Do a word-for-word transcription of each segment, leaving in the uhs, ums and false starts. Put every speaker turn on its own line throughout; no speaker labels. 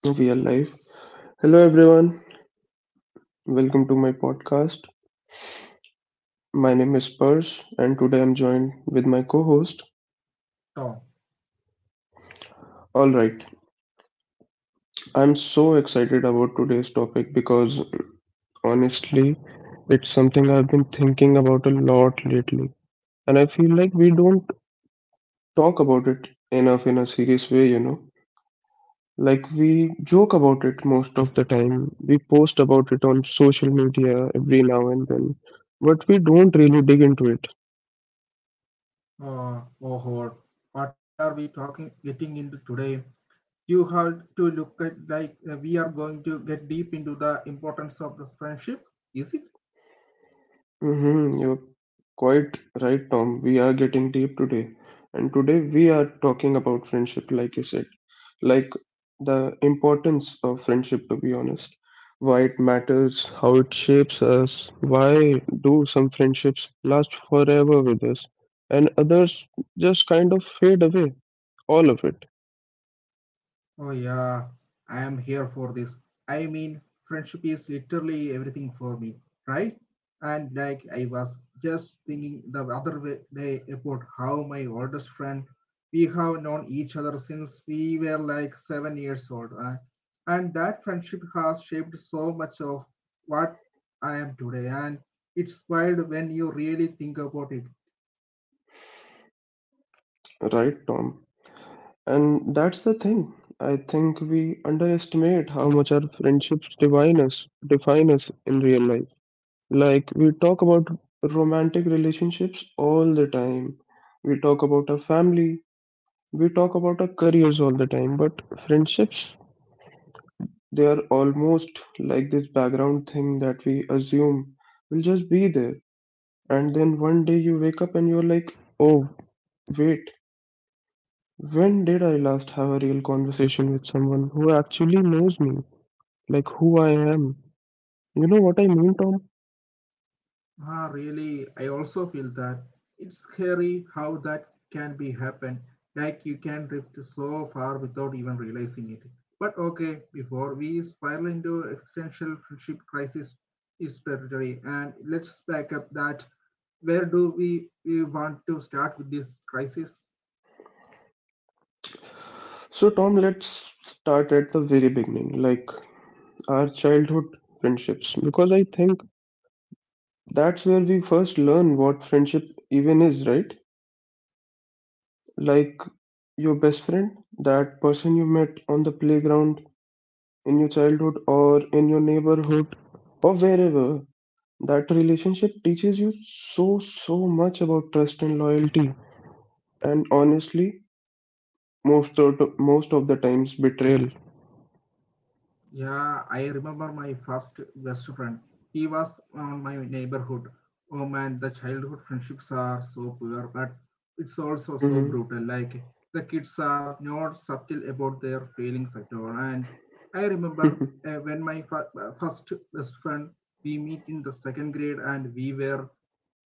so we are live. Hello, everyone. Welcome to my podcast. My name is Pers, and today I'm joined with my co host.
Tom.
All right, I'm so excited about today's topic because honestly, it's something I've been thinking about a lot lately. And I feel like we don't talk about it enough in a serious way, you know. Like we joke about it most of the time, we post about it on social media every now and then, but we don't really dig into it.
Uh, oh, Lord, what are we talking, getting into today? You have to look at like uh, we are going to get deep into the importance of this friendship, is it?
Mm-hmm. You're quite right, Tom. We are getting deep today. And today we are talking about friendship, like you said, like the importance of friendship, to be honest, why it matters, how it shapes us, why do some friendships last forever with us, and others just kind of fade away. All of it,
Oh, yeah, I am here for this. I mean, friendship is literally everything for me, right? And like, I was just thinking the other wa- day about how my oldest friend, we have known each other since we were like seven years old. Uh, and that friendship has shaped so much of what I am today. And it's wild when you really think about it.
right, Tom? And that's the thing. I think we underestimate how much our friendships define us, define us in real life. Like, we talk about romantic relationships all the time. We talk about our family. We talk about our careers all the time. But friendships, they are almost like this background thing that we assume will just be there. And then one day you wake up and you're like, oh, wait, when did I last have a real conversation with someone who actually knows me? Like, who I am? You know what I mean, Tom?
Ah, really, I also feel that it's scary how that can be happen. Like you can drift so far without even realizing it. But okay, before we spiral into existential friendship crisis is territory, and let's back up that. Where do we, we want to start with this crisis?
So, Tom, let's start at the very beginning. Like, our childhood friendships, because I think that's where we first learn what friendship even is, right? Like your best friend, that person you met on the playground in your childhood or in your neighborhood or wherever. That relationship teaches you so, so much about trust and loyalty, and honestly, most of the, most of the times betrayal.
Yeah, I remember my first best friend. He was on my neighborhood. Oh man, the childhood friendships are so pure, but it's also so
Hmm.
brutal. Like the kids are not subtle about their feelings at all. And I remember uh, when my fir- uh, first best friend we meet in the second grade, and we were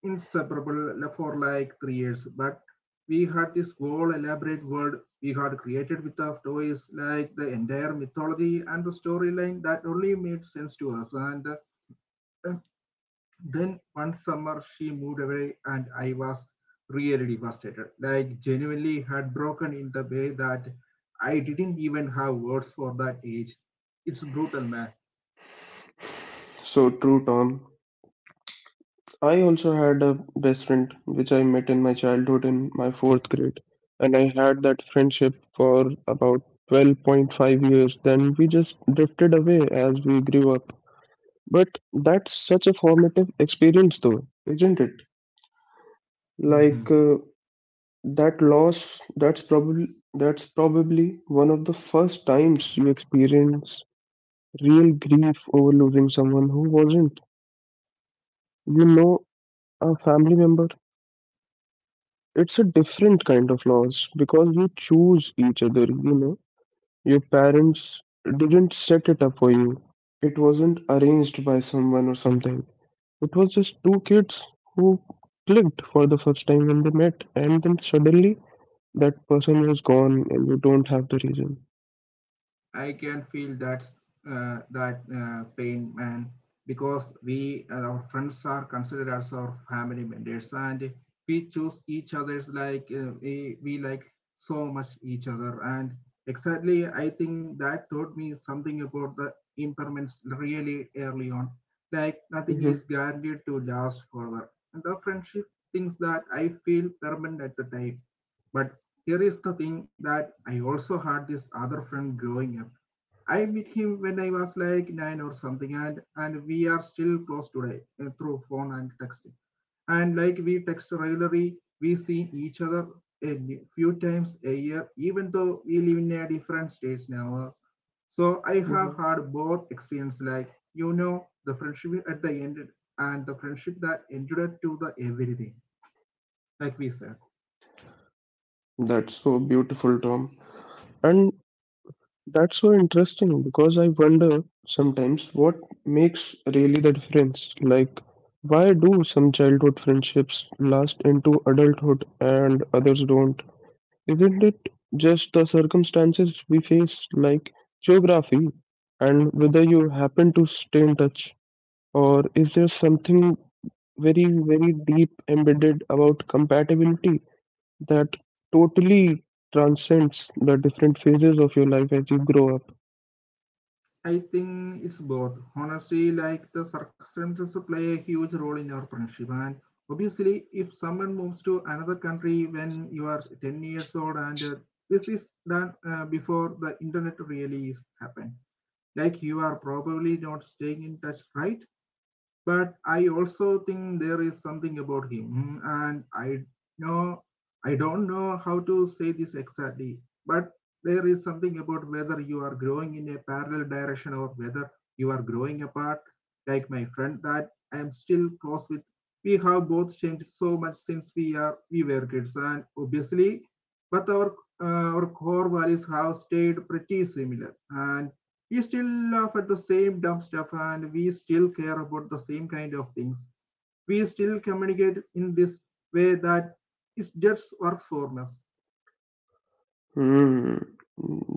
inseparable for like three years. But we had this whole elaborate world we had created with our toys, like the entire mythology and the storyline that only made sense to us. And uh, then one summer she moved away, and I was really devastated. Like genuinely heartbroken in the way that I didn't even have words for that age. It's brutal,
So true, Tom. I also had a best friend which I met in my childhood in my fourth grade, and I had that friendship for about twelve point five years. Then we just drifted away as we grew up. But that's such a formative experience, though, isn't it?
man.
Like uh, that loss, that's probably that's probably one of the first times you experience real grief over losing someone who wasn't, you know, a family member. It's a different kind of loss because you choose each other, you know. Your parents didn't set it up for you. It wasn't arranged by someone or something. It was just two kids who clicked for the first time when they met, and then suddenly that person was gone, and you don't have the reason.
I can feel that uh, that uh, pain, man, because we and our friends are considered as our family members, and we choose each other's like uh, we, we like so much each other. And exactly, I think that taught me something about the impairments really early on. Like nothing is
Hmm.
guaranteed to last forever, and the friendship things that I feel permanent at the time, but here is the thing that I also had this other friend growing up. I met him when I was like nine or something, and and we are still close today uh, through phone and text. And like we text regularly, we see each other a few times a year, even though we live in a different states now. So I have
Hmm.
had both experience, like you know, the friendship at the end and the friendship that ended to the everything, like we said.
That's so beautiful, Tom. And that's so interesting because I wonder sometimes what makes really the difference. Like, why do some childhood friendships last into adulthood and others don't? Isn't it just the circumstances we face, like geography, and whether you happen to stay in touch? Or is there something very, very deep embedded about compatibility that totally transcends the different phases of your life as you grow up?
I think it's both. Honestly, like the circumstances play a huge role in our friendship. And obviously, if someone moves to another country when you are ten years old, and uh, this is done uh, before the internet really is happened, like you are probably not staying in touch, right? But I also think there is something about him. Hmm, and I know I don't know how to say this exactly, but there is something about whether you are growing in a parallel direction or whether you are growing apart, like my friend that I am still close with. We have both changed so much since we are we were kids, and obviously, but our uh, our core values have stayed pretty similar, and we still laugh at the same dumb stuff and we still care about the same kind of things, we still communicate in this way that it just works for us.
Hmm,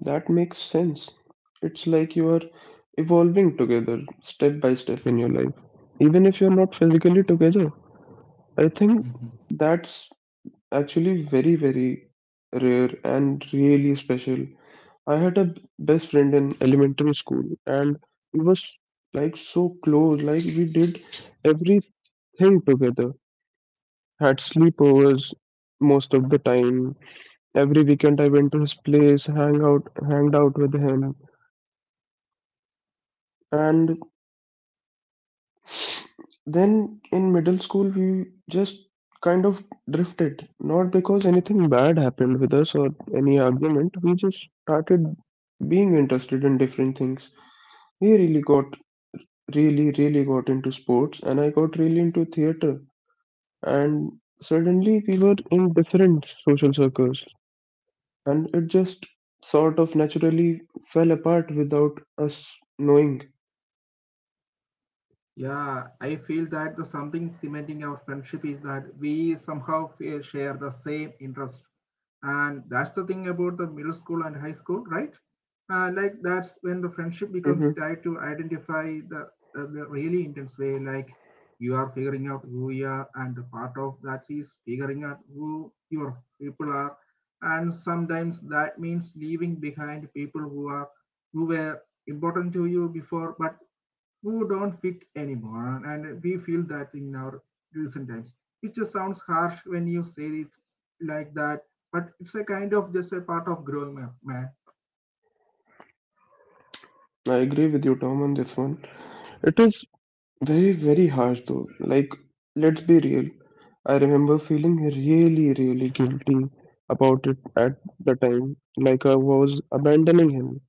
that makes sense. It's like you are evolving together, step by step in your life. Even if you're not physically together, I think
Mhm.
that's actually very, very rare and really special. I had a b- best friend in elementary school, and we was like so close, like we did everything together, had sleepovers most of the time. Every weekend I went to his place, hang out, hanged out with him, and then in middle school we just kind of drifted. Not because anything bad happened with us or any argument. We just started being interested in different things. He really got really really got into sports, and I got really into theater. And suddenly we were in different social circles, and it just sort of naturally fell apart without us knowing.
Yeah, I feel that the something cementing our friendship is that we somehow share the same interest, and that's the thing about the middle school and high school, right? Uh, like that's when the friendship becomes tied to identify the, uh, the really intense way. Like you are figuring out who you are and the part of that is figuring out who your people are, and sometimes that means leaving behind people who are who were important to you before but who don't fit anymore, and we feel that in our recent times, which just sounds harsh when you say it like that, but it's a kind of just a part of growing up, man.
I agree with you, Tom, on this one. It is very, very harsh though. Like, let's be real. I remember feeling really, really guilty about it at the time, like I was abandoning him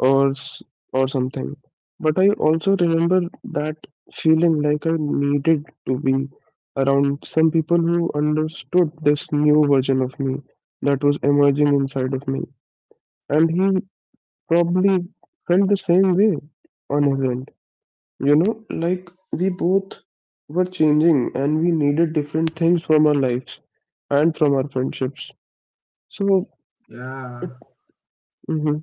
or s- or something. But I also remember that feeling like I needed to be around some people who understood this new version of me that was emerging inside of me. And he probably felt the same way on his end. You know, like we both were changing and we needed different things from our lives and from our friendships. So,
Yeah.
it, mhm,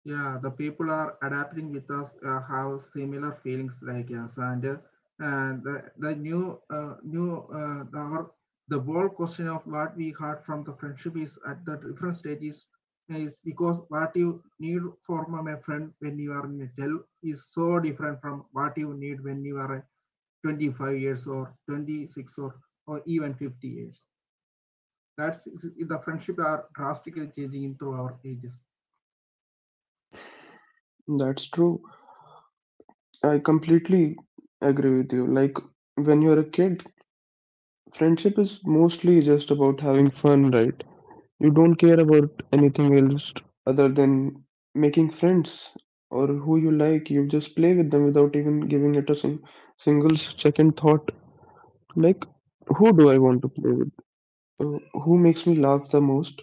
Yeah, the people are adapting with us uh, have similar feelings like us, and uh, and the, the new uh, new uh, the, our the bold question of what we heard from the friendship is at the different stages is because what you need from a friend when you are in a twelve is so different from what you need when you are uh, twenty-five years or twenty-six or or even fifty years. That's the friendship are drastically changing through our ages.
that's true. I completely agree with you. Like, when you're a kid, friendship is mostly just about having fun, right? You don't care about anything else other than making friends or who you like. You just play with them without even giving it a sing- single second thought. Like, who do I want to play with? Uh, Who makes me laugh the most?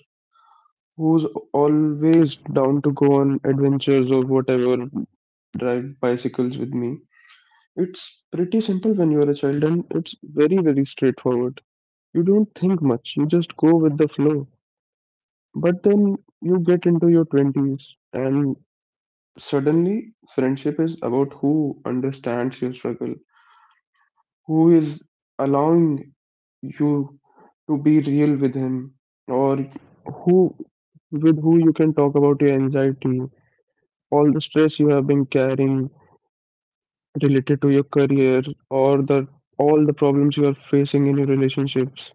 Who's always down to go on adventures or whatever, drive bicycles with me. It's pretty simple when you are a child and it's very, very straightforward. You don't think much, you just go with the flow. But then you get into your twenties and suddenly friendship is about who understands your struggle, who is allowing you to be real with him, or who, with who you can talk about your anxiety, all the stress you have been carrying related to your career or the all the problems you are facing in your relationships.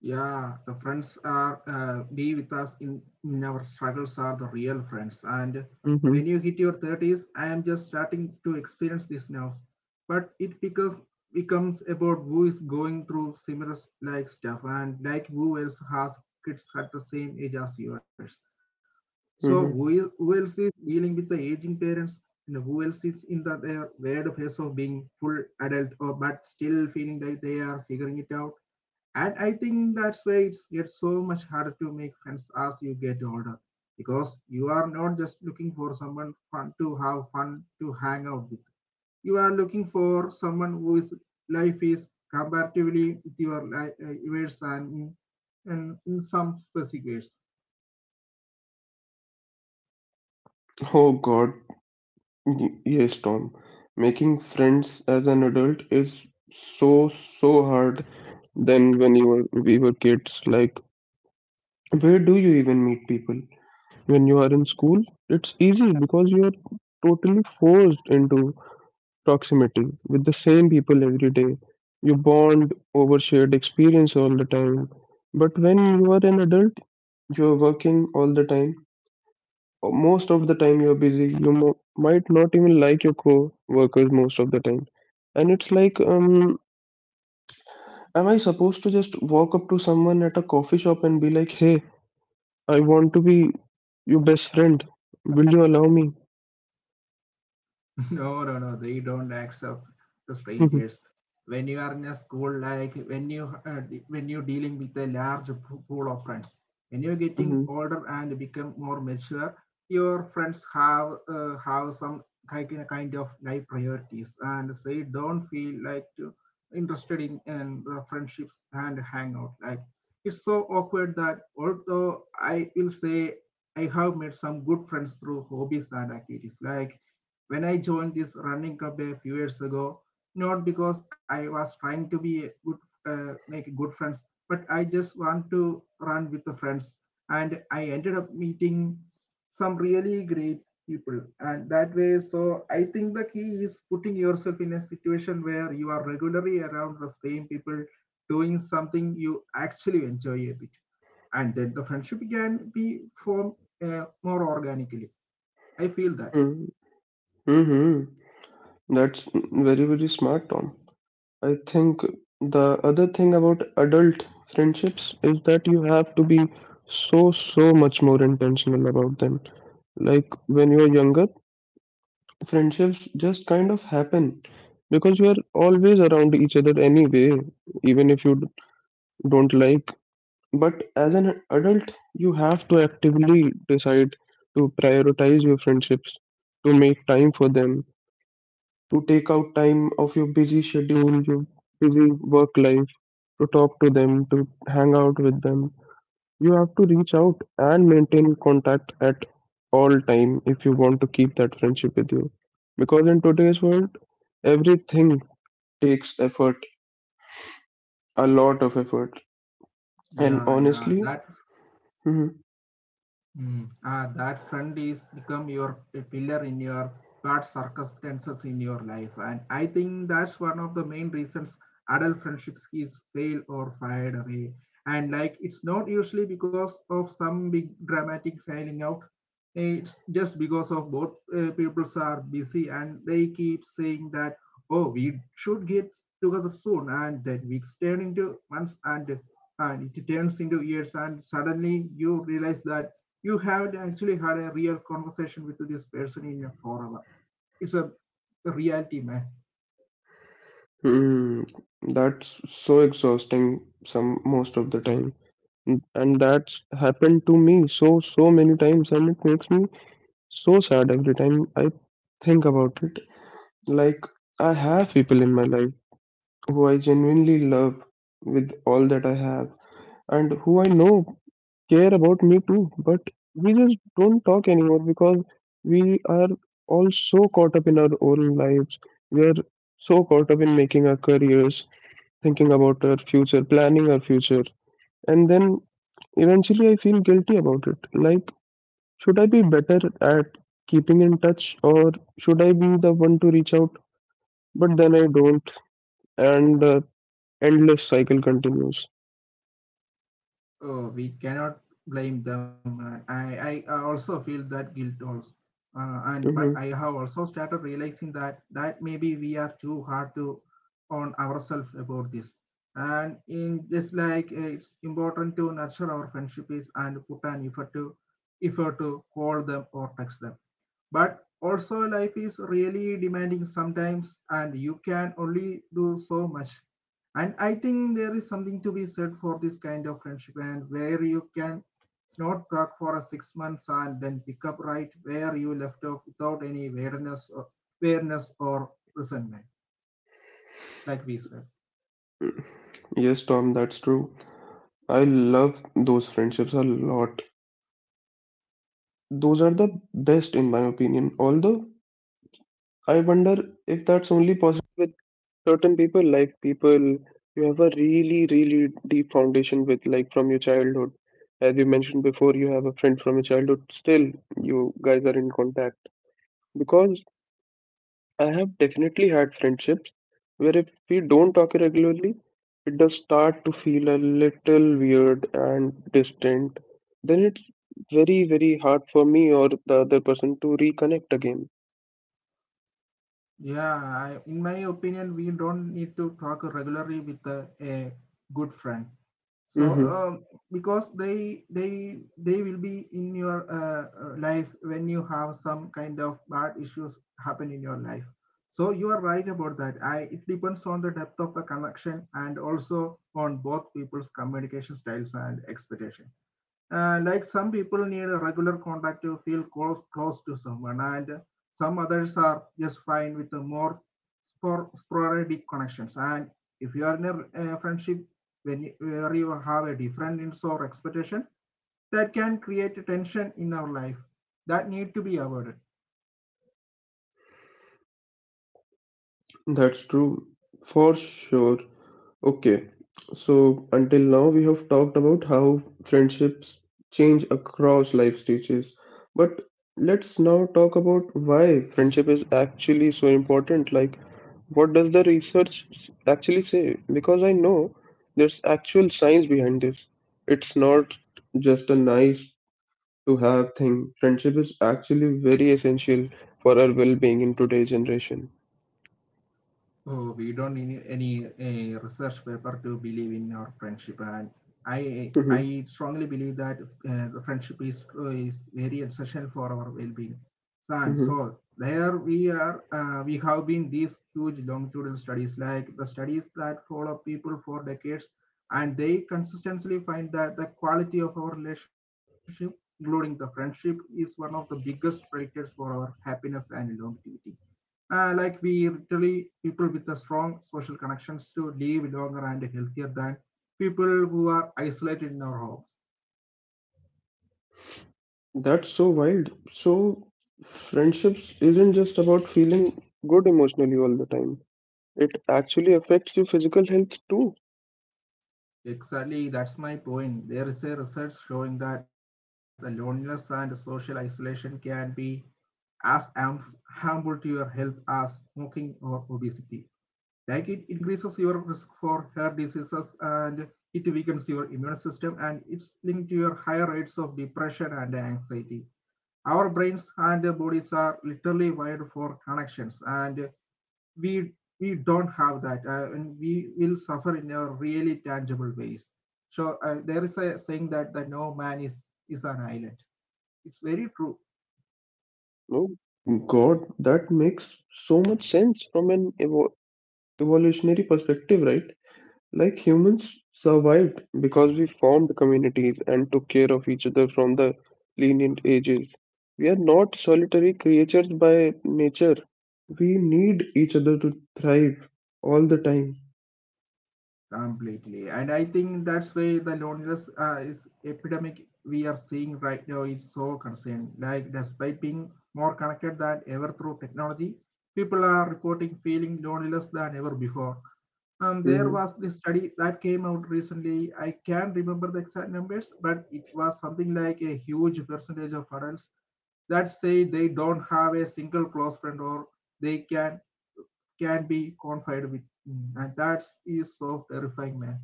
Yeah, the friends are uh, be with us in, in our struggles are the real friends. And
Mm-hmm.
when you hit your thirties, I am just starting to experience this now. But it because becomes about who is going through similar like stuff and like who else has kids at the same age as yours. So
Mm-hmm.
who, is, who else is dealing with the aging parents and who else is in the their weird phase of being full adult or but still feeling like they are figuring it out, and I think that's why it's gets so much harder to make friends as you get older because you are not just looking for someone fun to have fun to hang out with, you are looking for someone whose life is comparatively with your li- uh, yours, and in, and in some specific ways.
Oh God, Y- yes, Tom. Making friends as an adult is so so hard than when you were we were kids. Like, where do you even meet people? When you are in school, it's easy because you are totally forced into proximity with the same people every day. You bond over shared experience all the time. But when you are an adult, you are working all the time. Most of the time, you are busy. You mo- might not even like your co workers most of the time. And it's like, um, am I supposed to just walk up to someone at a coffee shop and be like, hey, I want to be your best friend? Will you allow me?
No, no, no. They don't accept the strangers. When you are in a school, like when you uh, de- when you're dealing with a large po- pool of friends, when you're getting older and become more mature, your friends have uh, have some kind kind of life priorities, and they don't feel like to, interested in, in the friendships and hangout. Like it's so awkward that although I will say I have made some good friends through hobbies and activities, like when I joined this running club a few years ago, not because I was trying to be a good, uh, make good friends, but I just want to run with the friends. And I ended up meeting some really great people. And that way, so I think the key is putting yourself in a situation where you are regularly around the same people doing something you actually enjoy a bit. And then the friendship can be formed uh, more organically. I feel that.
Hmm. Mm-hmm. That's very, very smart, Tom. I think the other thing about adult friendships is that you have to be so, so much more intentional about them. Like when you're younger, friendships just kind of happen because you're always around each other anyway, even if you d- don't like. But as an adult, you have to actively decide to prioritize your friendships, to make time for them, to take out time of your busy schedule, your busy work life, to talk to them, to hang out with them. You have to reach out and maintain contact at all time if you want to keep that friendship with you. Because in today's world, everything takes effort, a lot of effort. And
Yeah, yeah,
honestly,
that
hmm,
Mm. Ah, that friend is become your a pillar in your bad circumstances in your life, and I think that's one of the main reasons adult friendships is fail or fired away. And like it's not usually because of some big dramatic failing out. It's just because of both uh, peoples are busy and they keep saying that oh we should get together soon, and then weeks turn into months and and it turns into years and suddenly you realize that you have not actually had a real conversation with this person in a forever. It's a reality, man.
hmm, that's so exhausting some most of the time. And that's happened to me so so many times and it makes me so sad every time I think about it. Like, I have people in my life who I genuinely love with all that I have and who I know care about me too, but we just don't talk anymore because we are all so caught up in our own lives. We are so caught up in making our careers, thinking about our future, planning our future, and then eventually I feel guilty about it. Like, should I be better at keeping in touch or should I be the one to reach out? But then I don't, and the endless cycle continues.
Oh, we cannot blame them. Man. I, I also feel that guilt also. Uh, and but I
Hmm.
have also started realizing that that maybe we are too hard to on ourselves about this. And in just like uh, it's important to nurture our friendships and put an effort to effort to call them or text them. But also life is really demanding sometimes and you can only do so much, and I think there is something to be said for this kind of friendship and where you can not talk for a six months and then pick up right where you left off without any awareness or awareness or resentment, like we said.
Yes, Tom, that's true. I love those friendships a lot. Those are the best, in my opinion. Although, I wonder if that's only possible with certain people, like people you have a really, really deep foundation with, like from your childhood. As you mentioned before, you have a friend from your childhood, still, you guys are in contact, because I have definitely had friendships where if we don't talk regularly, it does start to feel a little weird and distant. Then it's very, very hard for me or the other person to reconnect again.
Yeah, I, in my opinion we don't need to talk regularly with a, a good friend so
Mm-hmm.
um, because they they they will be in your uh, uh, life when you have some kind of bad issues happen in your life. So you are right about that. I it depends on the depth of the connection and also on both people's communication styles and expectation. Uh, like some people need a regular contact to feel close close to someone, and some others are just fine with the more spor- sporadic connections. And if you are in a uh, friendship when you, where you have a different needs or expectation, that can create a tension in our life that need to be avoided.
That's true, for sure. Okay, so until now we have talked about how friendships change across life stages, but let's now talk about why friendship is actually so important. Like, what does the research s- actually say? Because I know there's actual science behind this. It's not just a nice to have thing. Friendship is actually very essential for our well-being in today's generation.
Oh, we don't need any, uh research paper to believe in our friendship, and I I strongly believe that uh, the friendship is is very essential for our well-being. And so there we are. Uh, we have been these huge longitudinal studies, like the studies that follow people for decades, and they consistently find that the quality of our relationship, including the friendship, is one of the biggest predictors for our happiness and longevity. Uh, like we literally people with the strong social connections to live longer and healthier than people who are isolated in our homes.
That's so wild. So, friendships isn't just about feeling good emotionally all the time. It actually affects your physical health too.
Exactly, that's my point. There is a research showing that the loneliness and social isolation can be as harm- harmful to your health as smoking or obesity. Like it increases your risk for hair diseases, and it weakens your immune system, and it's linked to your higher rates of depression and anxiety. Our brains and bodies are literally wired for connections, and we we don't have that, uh, and we will suffer in a really tangible ways. So uh, there is a saying that that no man is is an island. It's very true.
No, God, that makes so much sense from an evo evolutionary perspective, right? Like humans survived because we formed communities and took care of each other from the lenient ages. We are not solitary creatures by nature. We need each other to thrive all the time.
Completely, and I think that's why the loneliness uh, is epidemic we are seeing right now is so concerned. Like despite being more connected than ever through technology, people are reporting feeling loneliness than ever before. Um, there
Mhm.
was this study that came out recently. I can't remember the exact numbers, but it was something like a huge percentage of adults that say they don't have a single close friend or they can can be confided with. Mm. And that is so terrifying, man.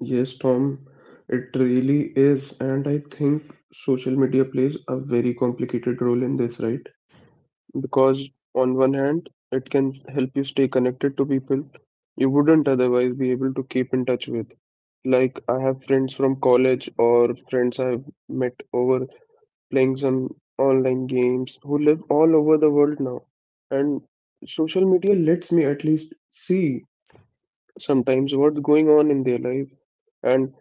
Yes, Tom, it really is. And I think social media plays a very complicated role in this, right? Because on one hand, it can help you stay connected to people you wouldn't otherwise be able to keep in touch with. Like, I have friends from college or friends I've met over playing some online games who live all over the world now. And social media lets me at least see sometimes what's going on in their life and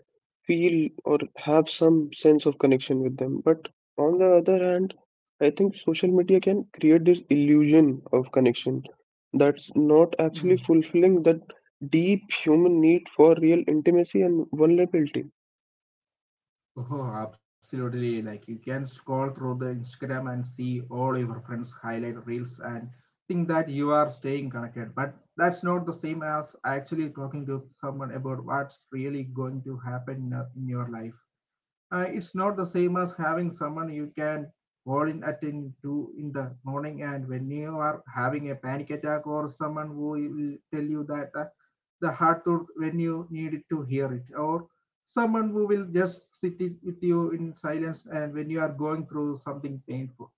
feel or have some sense of connection with them. But on the other hand, I think social media can create this illusion of connection that's not actually fulfilling that deep human need for real intimacy and vulnerability.
Oh, absolutely. Like you can scroll through the Instagram and see all your friends' highlight reels and think that you are staying connected. But that's not the same as actually talking to someone about what's really going to happen in your in your life. Uh, it's not the same as having someone you can call in at in two in the morning and when you are having a panic attack, or someone who will tell you that uh, the heart to when you need to hear it, or someone who will just sit it with you in silence and when you are going through something painful.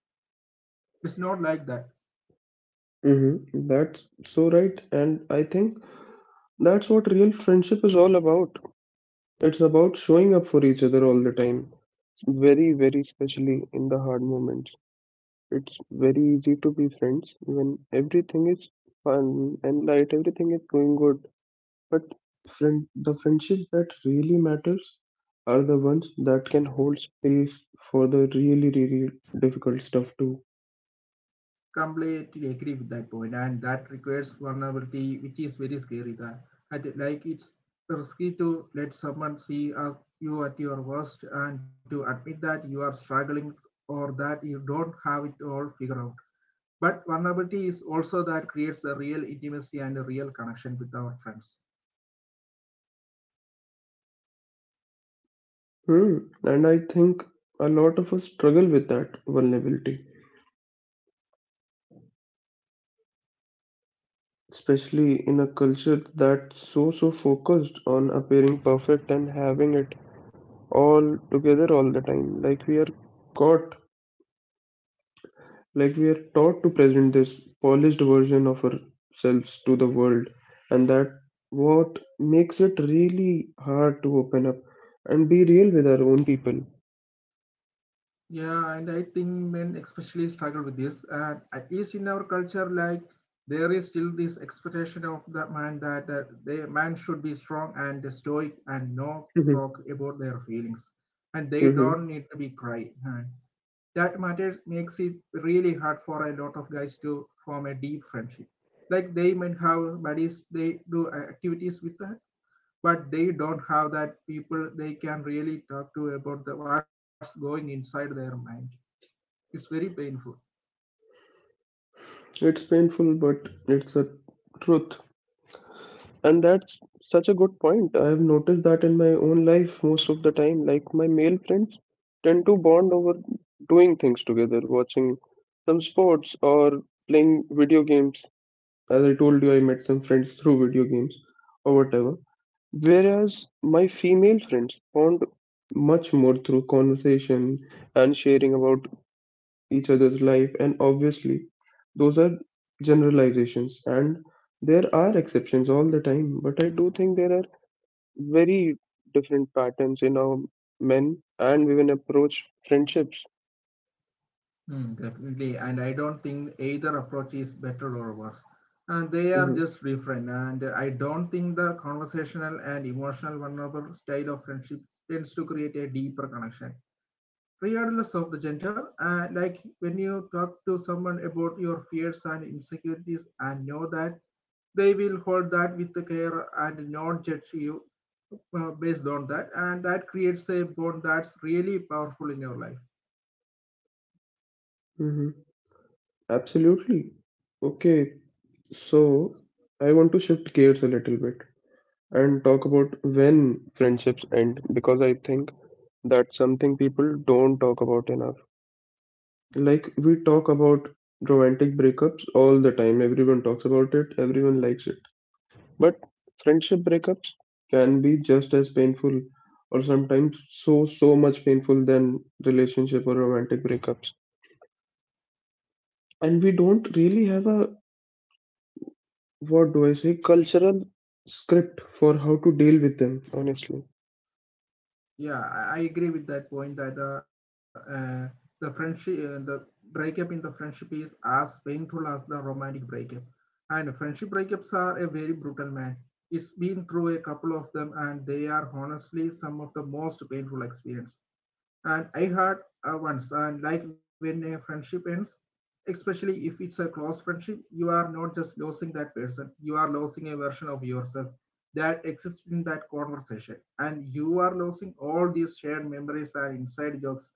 It's not like that.
Mm-hmm. That's so right. And I think that's what real friendship is all about. It's about showing up for each other all the time, very, very especially in the hard moments. It's very easy to be friends when everything is fun and light, everything is going good. But friend, the friendships that really matters are the ones that can hold space for the really, really difficult stuff too.
Completely agree with that point, and that requires vulnerability, which is very scary. That like it's risky to let someone see, uh, you at your worst and to admit that you are struggling or that you don't have it all figured out. But vulnerability is also that creates a real intimacy and a real connection with our friends.
Hmm. And I think a lot of us struggle with that vulnerability, especially in a culture that's so, so focused on appearing perfect and having it all together all the time. Like we are caught Like we're taught to present this polished version of ourselves to the world, and that what makes it really hard to open up and be real with our own people.
Yeah, and I think men especially struggle with this. And at least in our culture, like there is still this expectation of the man that uh, the man should be strong and stoic and not
Mhm,
talk about their feelings, and they
mhm.
don't need to be cry. And that matter makes it really hard for a lot of guys to form a deep friendship. Like they might have buddies, they do uh, activities with that, but they don't have that people they can really talk to about the, what's going inside their mind. It's very painful.
It's painful, but it's a truth. And that's such a good point. I have noticed that in my own life most of the time. Like my male friends tend to bond over doing things together, watching some sports or playing video games as I told you, I met some friends through video games or whatever. Whereas my female friends bond much more through conversation and sharing about each other's life, and obviously, those are generalizations and there are exceptions all the time, but I do think there are very different patterns in how men and women approach friendships.
Hmm, definitely. And I don't think either approach is better or worse. And they are
Hmm
just different. And I don't think the conversational and emotional vulnerable style of friendships tends to create a deeper connection. Regardless of the gender, uh, like when you talk to someone about your fears and insecurities and know that they will hold that with the care and not judge you uh, based on that. And that creates a bond that's really powerful in your life.
hmm Absolutely. Okay, so I want to shift gears a little bit. And talk about when friendships end because I think that's something people don't talk about enough. Like, we talk about romantic breakups all the time, everyone talks about it, everyone likes it. But friendship breakups can be just as painful or sometimes so, so much painful than relationship or romantic breakups. And we don't really have a, what do I say, cultural script for how to deal with them, honestly.
Yeah, I, I agree with that point that the uh, the friendship, uh, the breakup in the friendship is as painful as the romantic breakup. And friendship breakups are a very brutal man. It's been through a couple of them, and they are honestly some of the most painful experience. And I heard uh, once, and like when a friendship ends, especially if it's a close friendship, you are not just losing that person, you are losing a version of yourself that exists in that conversation. And you are losing all these shared memories and inside jokes.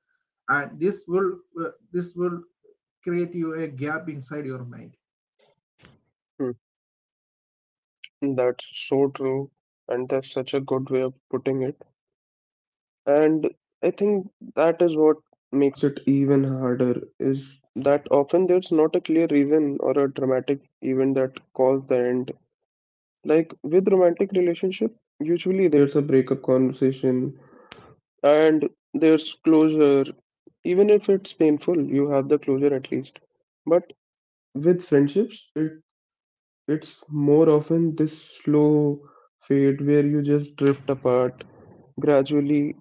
And this will uh, this will create you a gap inside your mind.
That's so true, and that's such a good way of putting it. And I think that is what makes it even harder is that often there's not a clear reason or a dramatic event that caused the end. Like with romantic relationship, usually there's a breakup conversation and there's closure. Even if it's painful, you have the closure at least. But with friendships, it it's more often this slow fade where you just drift apart gradually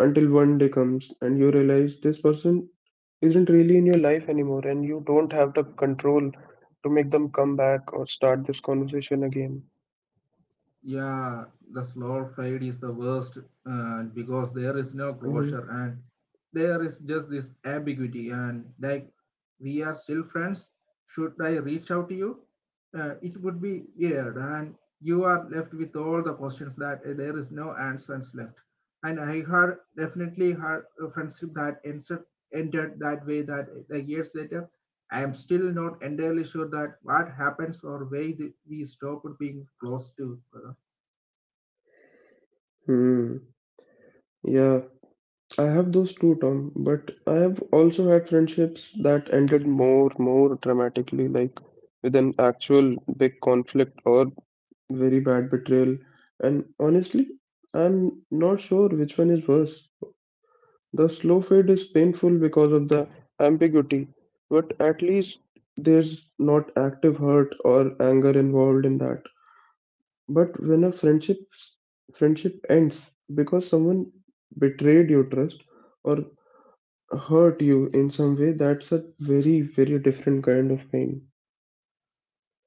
until one day comes and you realize this person isn't really in your life anymore and you don't have the control to make them come back or start this conversation again.
Yeah, the slow fade is the worst, uh, because there is no closure, and there is just this ambiguity and like we are still friends. Should I reach out to you? Uh, it would be weird, and you are left with all the questions that uh, there is no answers left. And I heard definitely had a friendship that entered, ended that way that, uh, like years later, I am still not entirely sure that what happens or why the, we stopped being close to each other.
Mm-hmm. Yeah, I have those too, Tom, but I have also had friendships that ended more, more dramatically, like with an actual big conflict or very bad betrayal, and honestly, I'm not sure which one is worse. The slow fade is painful because of the ambiguity, but at least there's not active hurt or anger involved in that. But when a friendship friendship ends because someone betrayed your trust or hurt you in some way, that's a very very different kind of pain.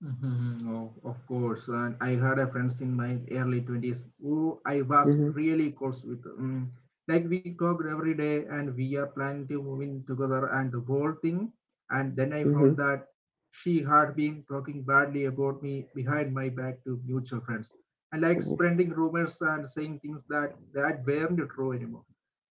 Mhm. Oh, of course, and I had a friends in my early twenties who I was
Mm-hmm,
really close with. Mm, like we talked every day and we are planning to move in together and the whole thing. And then I
mm-hmm.
found that she had been talking badly about me behind my back to mutual friends, and like spreading rumors and saying things that, that weren't true anymore.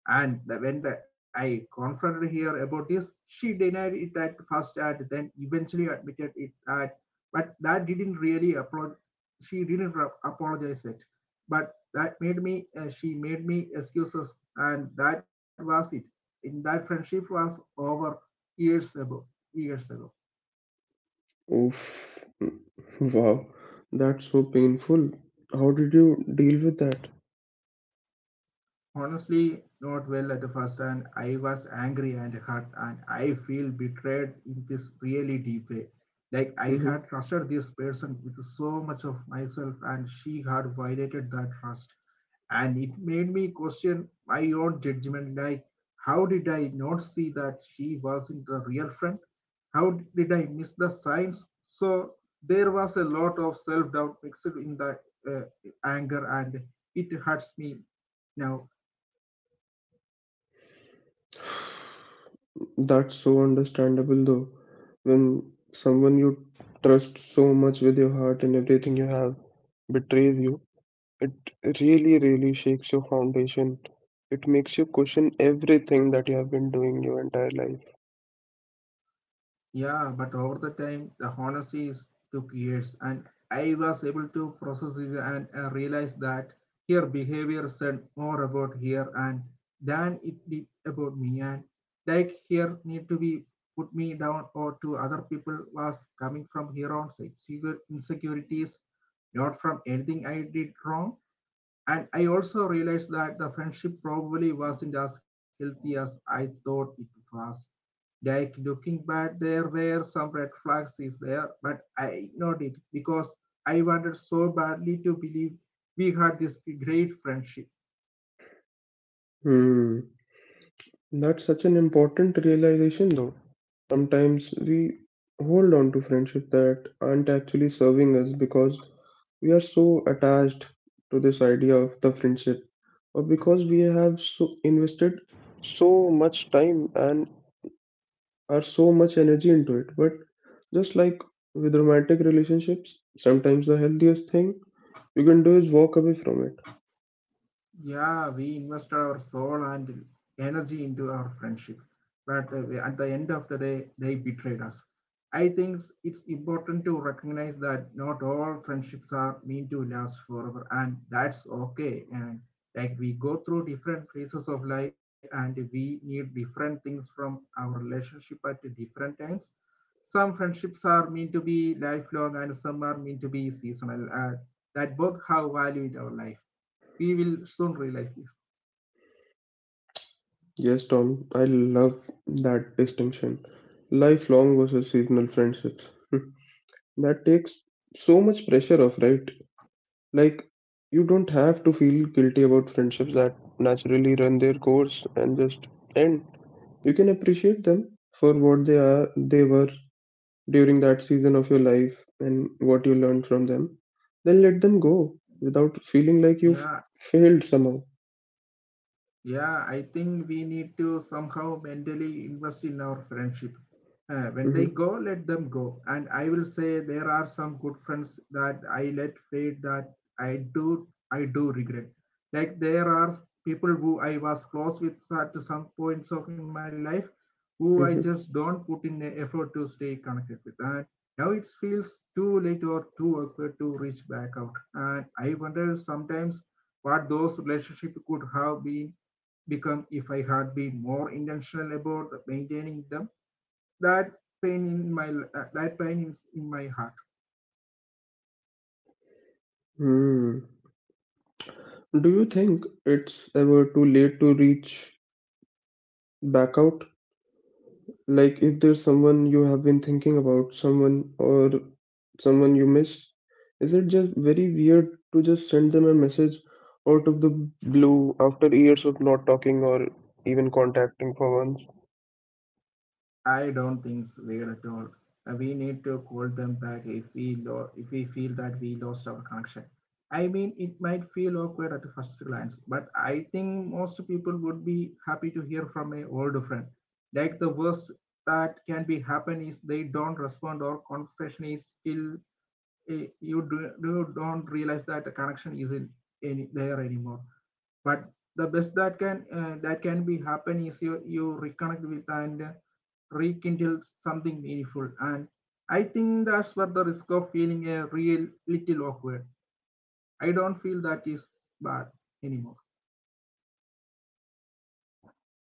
And the, when the, I confronted her about this. She denied it at first and then eventually admitted it at, but that didn't really applaud. She didn't apologize it. But that made me, uh, she made me excuses, and that was it. In that friendship was over years ago, years ago
Oof. Wow, that's so painful. How did you deal with that?
honestly not well at the first, and I was angry and hurt, and I feel betrayed in this really deep way. Like I had
Hmm
trusted this person with so much of myself, and she had violated that trust. And it made me question my own judgment. Like how did I not see that she wasn't a real friend? How did I miss the signs? So there was a lot of self-doubt mixed in the, uh, anger, and it hurts me now.
That's so understandable though. When someone you trust so much with your heart and everything you have betrays you, it really, really shakes your foundation. It makes you question everything that you have been doing your entire life.
Yeah, but over the time, the honesty is took years, and I was able to process it and uh, realize that her behavior said more about her and than it did about me. And like her need to be put me down or to other people was coming from her own sex- insecurities, not from anything I did wrong. And I also realized that the friendship probably wasn't as healthy as I thought it was. Like looking back, there were some red flags is there, but I ignored it because I wanted so badly to believe we had this great friendship.
Hmm. That's such an important realization, though. Sometimes we hold on to friendships that aren't actually serving us because we are so attached to this idea of the friendship, or because we have so invested so much time and are so much energy into it. But just like with romantic relationships, sometimes the healthiest thing you can do is walk away from it.
Yeah, we invested our soul and energy into our friendship, but uh, we- at the end of the day they betrayed us. I think it's important to recognize that not all friendships are meant to last forever, and that's okay. And like we go through different phases of life, and we need different things from our relationship at different times. Some friendships are meant to be lifelong, and some are meant to be seasonal, and that both have value in our life. We will soon realize this.
Yes, Tom, I love that distinction. Lifelong versus seasonal friendships. Hmm. That takes so much pressure off, right? Like, you don't have to feel guilty about friendships that naturally run their course and just end. You can appreciate them for what they are, they were during that season of your life and what you learned from them. Then let them go without feeling like you've
Yeah.
failed somehow.
Yeah, I think we need to somehow mentally invest in our friendship. Uh, when they
Hmm
go, let them go. And I will say there are some good friends that I let fade that I do I do regret. Like there are people who I was close with at some points of in my life who I just don't put in the effort to stay connected with. And now it feels too late or too awkward to reach back out. And I wonder sometimes what those relationships could have been become if I had been more intentional about maintaining them. That pain in my, uh, that pain is in my heart.
hmm Do you think it's ever too late to reach back out? Like, if there's someone you have been thinking about, someone or someone you miss, is it just very weird to just send them a message out of the blue after years of not talking or even contacting for once?
I don't think it's weird at all. Uh, we need to call them back if we lo- if we feel that we lost our connection. I mean, it might feel awkward at the first glance, but I think most people would be happy to hear from a old friend. Like the worst that can be happen is they don't respond or conversation is still eh, you do, you don't realize that the connection isn't any there anymore. But the best that can uh, that can be happen is you you reconnect with, and uh, rekindle something meaningful. And I think that's where the risk of feeling a real little awkward. I don't feel that is bad anymore.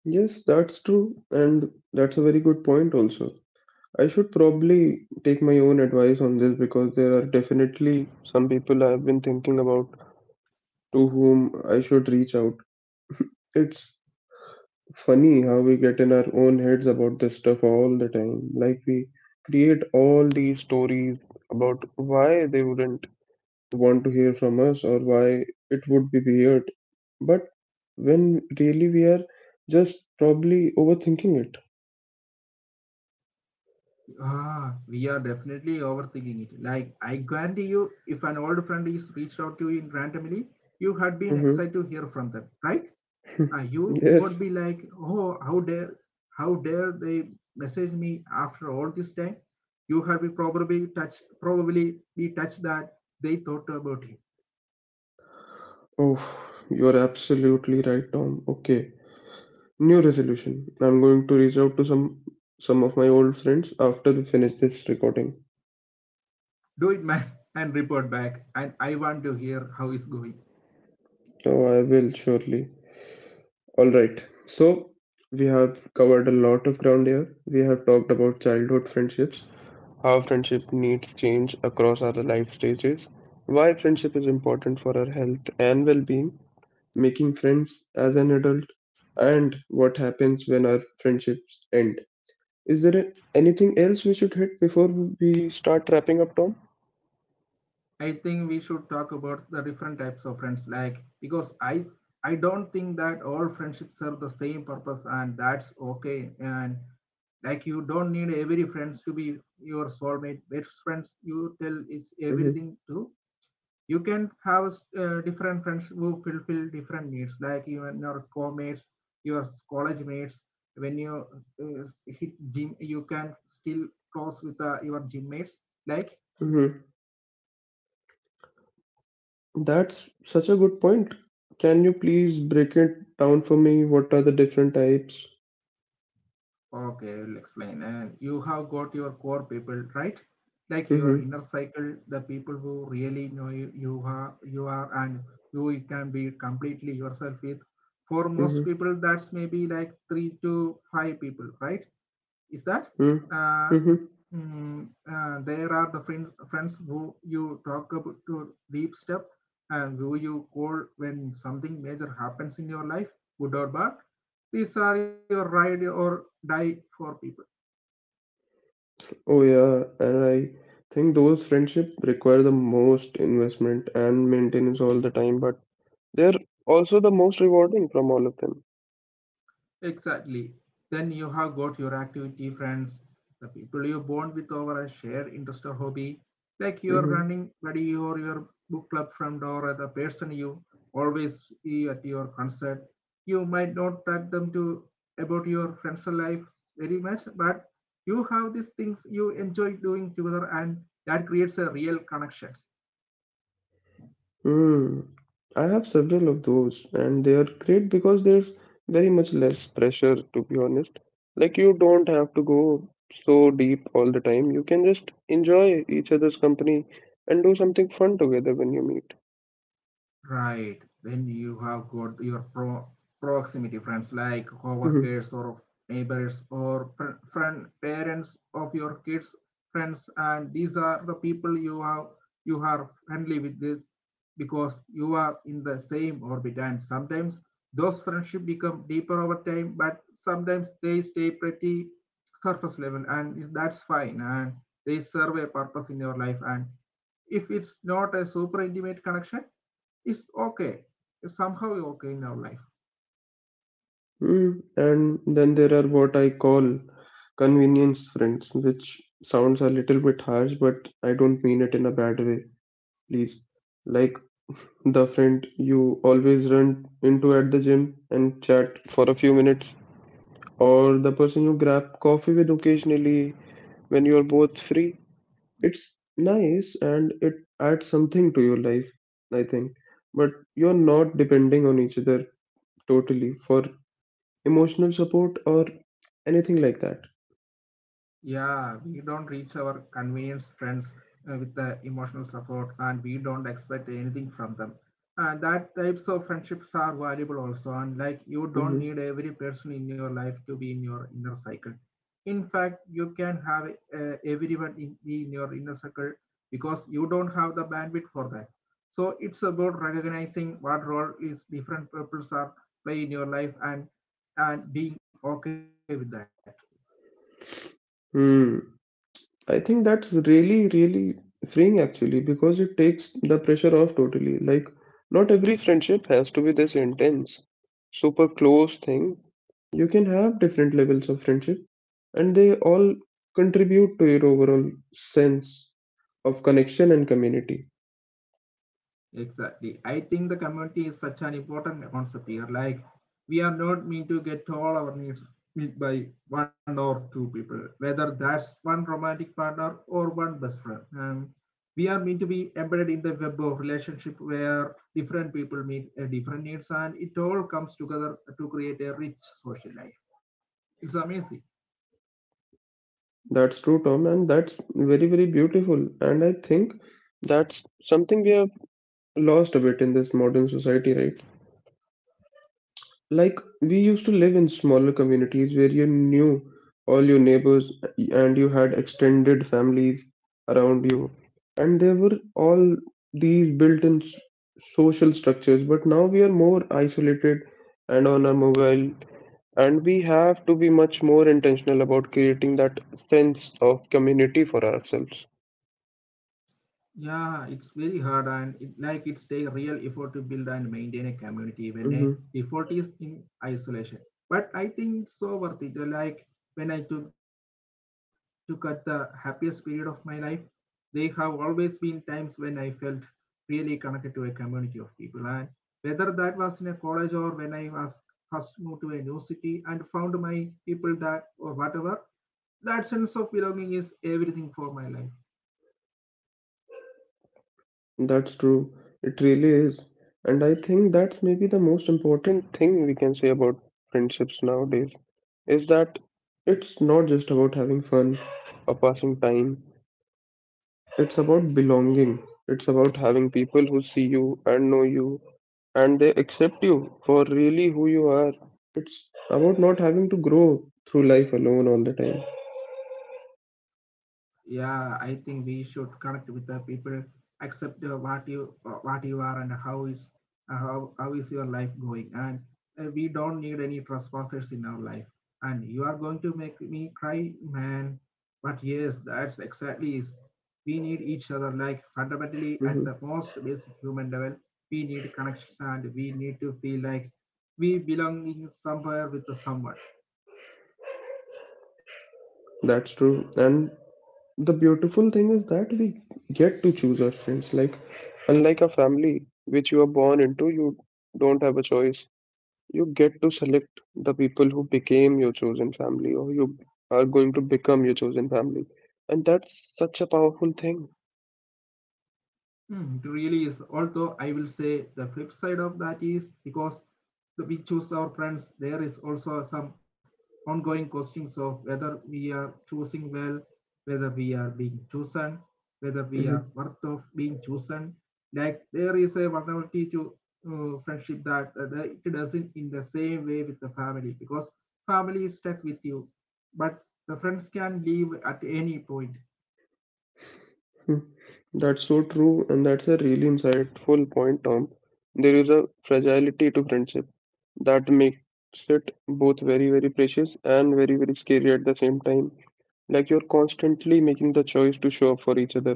Yes, that's true, and that's a very good point also. I should probably take my own advice on this because there are definitely some people I have been thinking about to whom I should reach out. It's funny how we get in our own heads about this stuff all the time. Like, we create all these stories about why they wouldn't want to hear from us or why it would be weird. But when really we are just probably overthinking it.
Ah, we are definitely overthinking it. Like I guarantee you if an old friend is reached out to you randomly, you had been
Mm-hmm.
excited to hear from them, right? Uh, you
Yes.
would be like, oh, how dare, how dare they message me after all this time? You have been probably touched, probably be touched that they thought about him.
Oh, you're absolutely right, Tom. Okay. New resolution. I'm going to reach out to some some of my old friends after we finish this recording.
Do it, man, and report back. And I want to hear how it's going.
Oh, I will surely. All right. So we have covered a lot of ground here. We have talked about childhood friendships, how friendship needs change across our life stages, why friendship is important for our health and well-being, making friends as an adult, and what happens when our friendships end. Is there anything else we should hit before we start wrapping up, Tom?
I think we should talk about the different types of friends, like because I I don't think that all friendships serve the same purpose, and that's okay. And like you don't need every friends to be your soulmate. Best friends you tell is
Mm-hmm.
everything to. You can have uh, different friends who fulfill different needs, like even your co-mates, your college mates. When you uh, hit gym, you can still close with uh, your gym mates. Like
Mm-hmm. That's such a good point. Can you please break it down for me? What are the different types?
Okay, I will explain. And you have got your core people, right? Like your
Mm-hmm.
inner cycle, the people who really know you, you are, you are, and who you can be completely yourself with. For most
Mm-hmm.
people, that's maybe like three to five people, right? Is that?
Mm-hmm.
Uh,
Mm-hmm.
mm, uh, there are the friends, friends who you talk about to deep step, and who you call when something major happens in your life, good or bad. These are your ride or die for people.
Oh yeah, and I think those friendship require the most investment and maintenance all the time, but they're also the most rewarding from all of them.
Exactly. Then you have got your activity friends, the people you bond with over a shared interest or hobby, like your
Hmm
running buddy or your book club friend or the person you always see at your concert. You might not talk them to about your friends' life very much, but you have these things you enjoy doing together, and that creates a real connections.
Mm. I have several of those, and they are great because there's very much less pressure, to be honest. Like you don't have to go so deep all the time. You can just enjoy each other's company and do something fun together when you meet.
Right. Then you have got your pro proximity friends like coworkers or neighbors or pr- friend parents of your kids friends, and these are the people you have you are friendly with this because you are in the same orbit, and sometimes those friendships become deeper over time, but sometimes they stay pretty surface level, and that's fine, and they serve a purpose in your life, and if it's not a super intimate connection, it's okay. It's somehow okay in our life.
Mm, and then there are what I call convenience friends, which sounds a little bit harsh, but I don't mean it in a bad way, please. Like the friend you always run into at the gym and chat for a few minutes, or the person you grab coffee with occasionally when you're both free. It's nice and it adds something to your life, I think. But you're not depending on each other totally for emotional support or anything like that.
Yeah, we don't reach our convenience friends uh, with the emotional support, and we don't expect anything from them. And that types of friendships are valuable also. And like you don't
Hmm.
need every person in your life to be in your inner cycle. In fact, you can have uh, everyone in, be in your inner circle because you don't have the bandwidth for that. So it's about recognizing what role is different purposes are play in your life, and and being okay with that.
Hmm. I think that's really, really freeing actually because it takes the pressure off totally. Like, not every friendship has to be this intense, super close thing. You can have different levels of friendship, and they all contribute to your overall sense of connection and community.
Exactly. I think the community is such an important concept here. Like, we are not meant to get all our needs met by one or two people, whether that's one romantic partner or one best friend. Um, we are meant to be embedded in the web of relationship where different people meet uh, different needs, and it all comes together to create a rich social life. It's amazing.
That's true, Tom, and that's very, very beautiful. And I think that's something we are lost a bit in this modern society, right? Like we used to live in smaller communities where you knew all your neighbors and you had extended families around you, and there were all these built-in s- social structures. But now we are more isolated and on our mobile, and we have to be much more intentional about creating that sense of community for ourselves.
Yeah, it's very hard, and it, like it's take real effort to build and maintain a community when a effort is in isolation. But I think it's so worth it. Like when I took to cut the happiest period of my life, they have always been times when I felt really connected to a community of people. And whether that was in a college or when I was first moved to a new city and found my people that or whatever, that sense of belonging is everything for my life.
That's true. It really is. And I think that's maybe the most important thing we can say about friendships nowadays is that it's not just about having fun or passing time. It's about belonging. It's about having people who see you and know you and they accept you for really who you are. It's about not having to grow through life alone all the time.
Yeah, I think we should connect with the people, accept uh, what you uh, what you are and how is uh, how, how is your life going, and uh, we don't need any trespassers in our life, and you are going to make me cry, man. But yes, that's exactly is we need each other like fundamentally at
Hmm
the most basic human level. We need connections, and we need to feel like we belong in somewhere with someone.
That's true. And the beautiful thing is that we get to choose our friends like unlike a family which you are born into you don't have a choice you get to select the people who became your chosen family or you are going to become your chosen family and that's such a powerful thing.
Mm, it really is. Although I will say the flip side of that is because the- we choose our friends, there is also some ongoing questions of whether we are choosing well, whether we are being chosen, whether we are worth of being chosen. Like there is a vulnerability to uh, friendship that uh, that it doesn't in the same way with the family, because family is stuck with you, but the friends can leave at any point.
Hmm. That's so true, and that's a really insightful point, Tom. There is a fragility to friendship that makes it both very, very precious and very, very scary at the same time. Like you're constantly making the choice to show up for each other,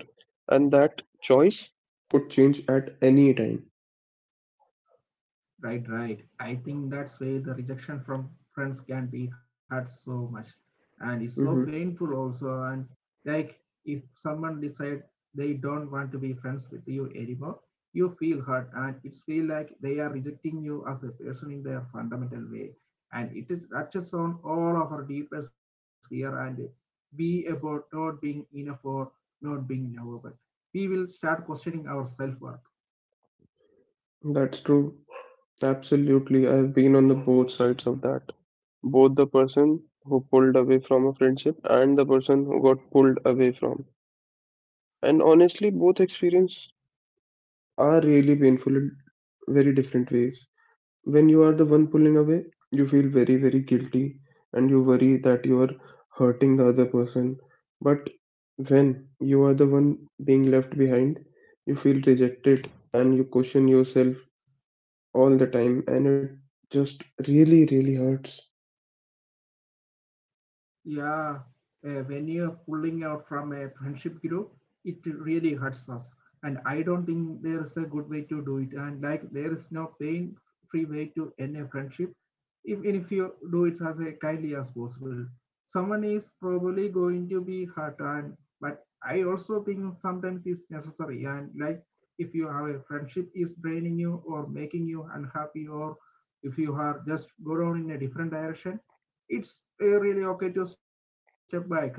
and that choice could change at any time.
Right, right. I think that's why the rejection from friends can be hurt so much. And it's so
Hmm
painful also. And like if someone decide they don't want to be friends with you anymore, you feel hurt, and it's feel like they are rejecting you as a person in their fundamental way. And it is touches on all of our deepest fear and be about not being enough or not being lovable. We will start questioning our self-worth.
That's true. Absolutely. I've been on the both sides of that. Both the person who pulled away from a friendship and the person who got pulled away from. And honestly, both experience are really painful in very different ways. When you are the one pulling away, you feel very, very guilty and you worry that you are hurting the other person. But when you are the one being left behind, you feel rejected and you question yourself all the time and it just really, really hurts.
Yeah, uh, when you're pulling out from a friendship group, it really hurts us, and I don't think there is a good way to do it. And like there is no pain free way to end a friendship. Even if you do it as a kindly as possible, someone is probably going to be hurt. And but I also think sometimes it's necessary. And like if you have a friendship is draining you or making you unhappy, or if you are just go down in a different direction, it's uh, really okay to step back. And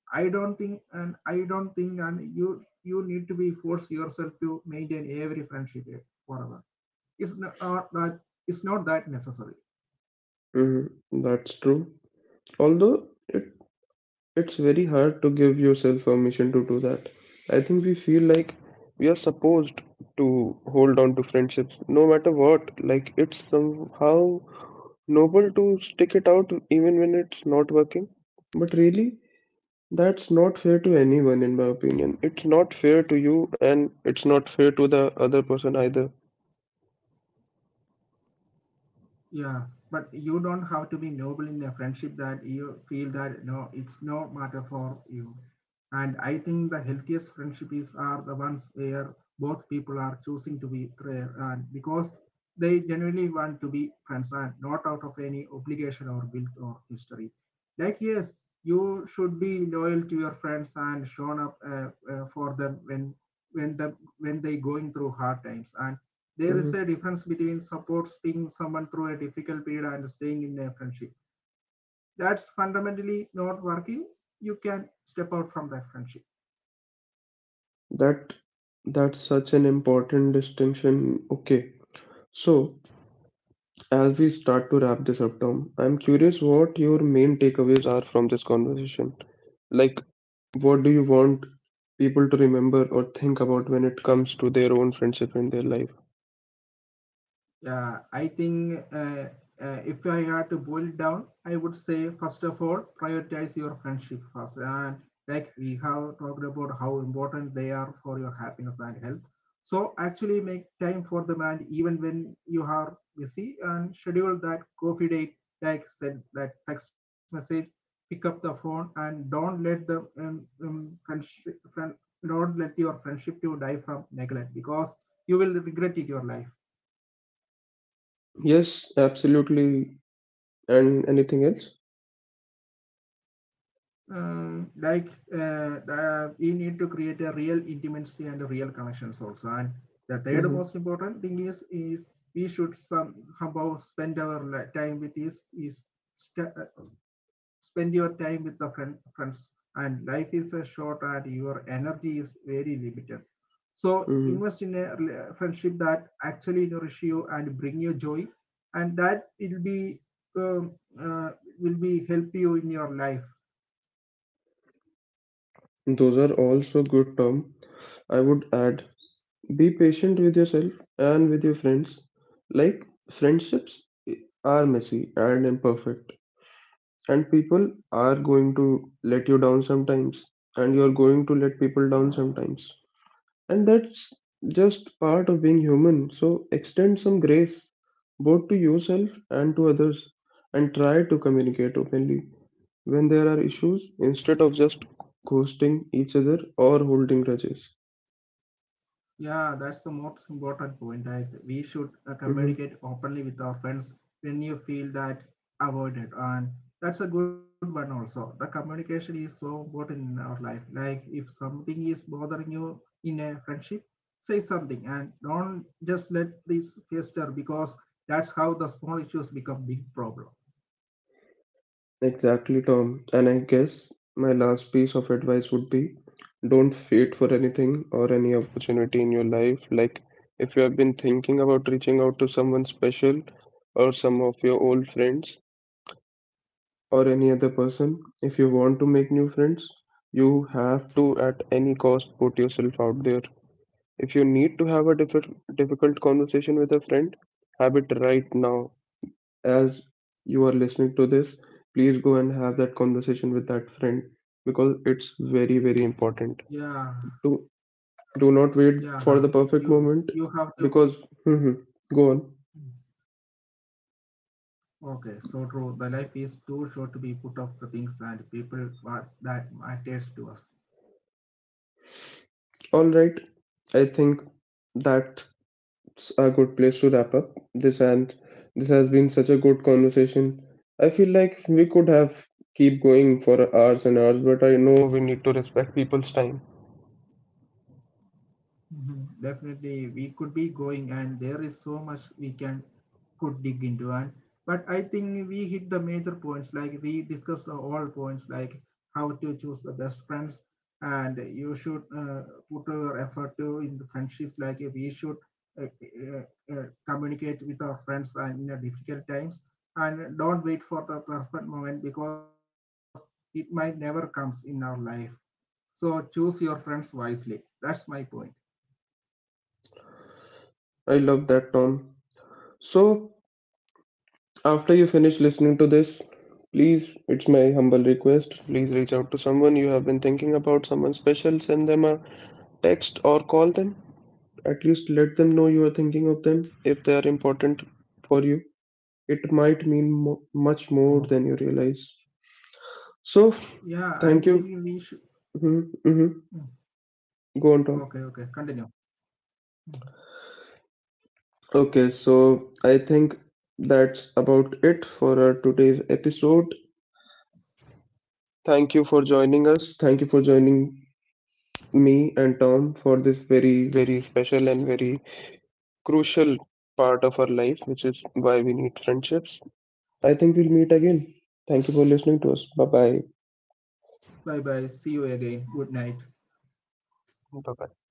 i don't think and I don't think and you you need to be force yourself to maintain every friendship forever. It's not uh, that, it's not that necessary.
Mhm. That's true. Although it it's very hard to give yourself permission to do that. I think we feel like we are supposed to hold on to friendships no matter what. Like, it's somehow noble to stick it out even when it's not working. But really, that's not fair to anyone, in my opinion. It's not fair to you, and it's not fair to the other person either.
Yeah, but you don't have to be noble in a friendship that you feel that no, it's no matter for you. And I think the healthiest friendships are the ones where both people are choosing to be prayer and because they genuinely want to be friends and not out of any obligation or guilt or history. Like yes, you should be loyal to your friends and shown up uh, uh, for them when when the when they going through hard times. And there
Mhm.
is a difference between supporting someone through a difficult period and staying in a friendship. That's fundamentally not working. You can step out from that friendship.
That that's such an important distinction. Okay, so, as we start to wrap this up, Tom, I'm curious what your main takeaways are from this conversation. Like, what do you want people to remember or think about when it comes to their own friendship in their life?
Yeah, I think uh, uh, if I had to boil it down, I would say first of all, prioritize your friendship first. And like we have talked about how important they are for your happiness and health. So actually make time for them, and even when you are busy and schedule that coffee date, like send that text message, pick up the phone, and don't let the um, um, friendship, friend, don't let your friendship to die from neglect, because you will regret it your life.
Yes, absolutely. And anything else?
um, like uh, uh, we need to create a real intimacy and a real connections also, and the
Hmm.
third most important thing is is we should somehow spend our time with this is uh, spend your time with the friend, friends, and life is a short, and your energy is very limited, so invest in
Hmm.
a friendship that actually nourish you and bring you joy, and that will be um, uh, will be help you in your life.
Those are also good, Tom. I would add, be patient with yourself and with your friends. Like, friendships are messy and imperfect, and people are going to let you down sometimes, and you're going to let people down sometimes. And that's just part of being human. So extend some grace both to yourself and to others, and try to communicate openly when there are issues instead of just ghosting each other or holding grudges.
Yeah, that's the most important point. Like we should uh,
Mhm.
communicate openly with our friends when you feel that avoided, and that's a good one also. The communication is so important in our life. Like if something is bothering you in a friendship, say something, and don't just let this fester, because that's how the small issues become big problems.
Exactly, Tom. And I guess my last piece of advice would be, don't wait for anything or any opportunity in your life. Like, if you have been thinking about reaching out to someone special or some of your old friends or any other person, if you want to make new friends, you have to at any cost put yourself out there. If you need to have a diff difficult conversation with a friend, have it right now as you are listening to this. Please go and have that conversation with that friend because it's very, very
Yeah,
important. Do, do
yeah,
not wait for
you
the
you
perfect
have
moment
to.
because, mhm, go on.
Okay, so true. The life is too short to be put off the things and people that matters to us.
All right, I think that's a good place to wrap up this, and this has been such a good conversation. I feel like we could have keep going for hours and hours, but I know we need to respect people's time.
Mhm. Definitely, we could be going, and there is so much we can could dig into. And but I think we hit the major points. Like we discussed all points, like how to choose the best friends, and you should uh, put your effort to in the friendships. Like we should uh, uh, uh, communicate with our friends and in a difficult times, and don't wait for the perfect moment, because it might never comes in our life. So choose your friends wisely. That's my point.
I love that, Tom. So, after you finish listening to this, please, it's my humble request, please reach out to someone you have been thinking about, someone special, send them a text or call them. At least let them know you are thinking of them if they are important for you. It might mean mo- much more than you realize. So,
Yeah,
thank
I'm
you.
thinking we should.
Mhm, mhm.
Mm.
Go on, Tom.
Okay, okay, continue.
Okay, so I think that's about it for our today's episode. Thank you for joining us. Thank you for joining me and Tom for this very, very special and very crucial part of our life, which is why we need friendships. I think we'll meet again. Thank you for listening to us. Bye bye.
Bye bye. See you again. Good night.
Bye-bye.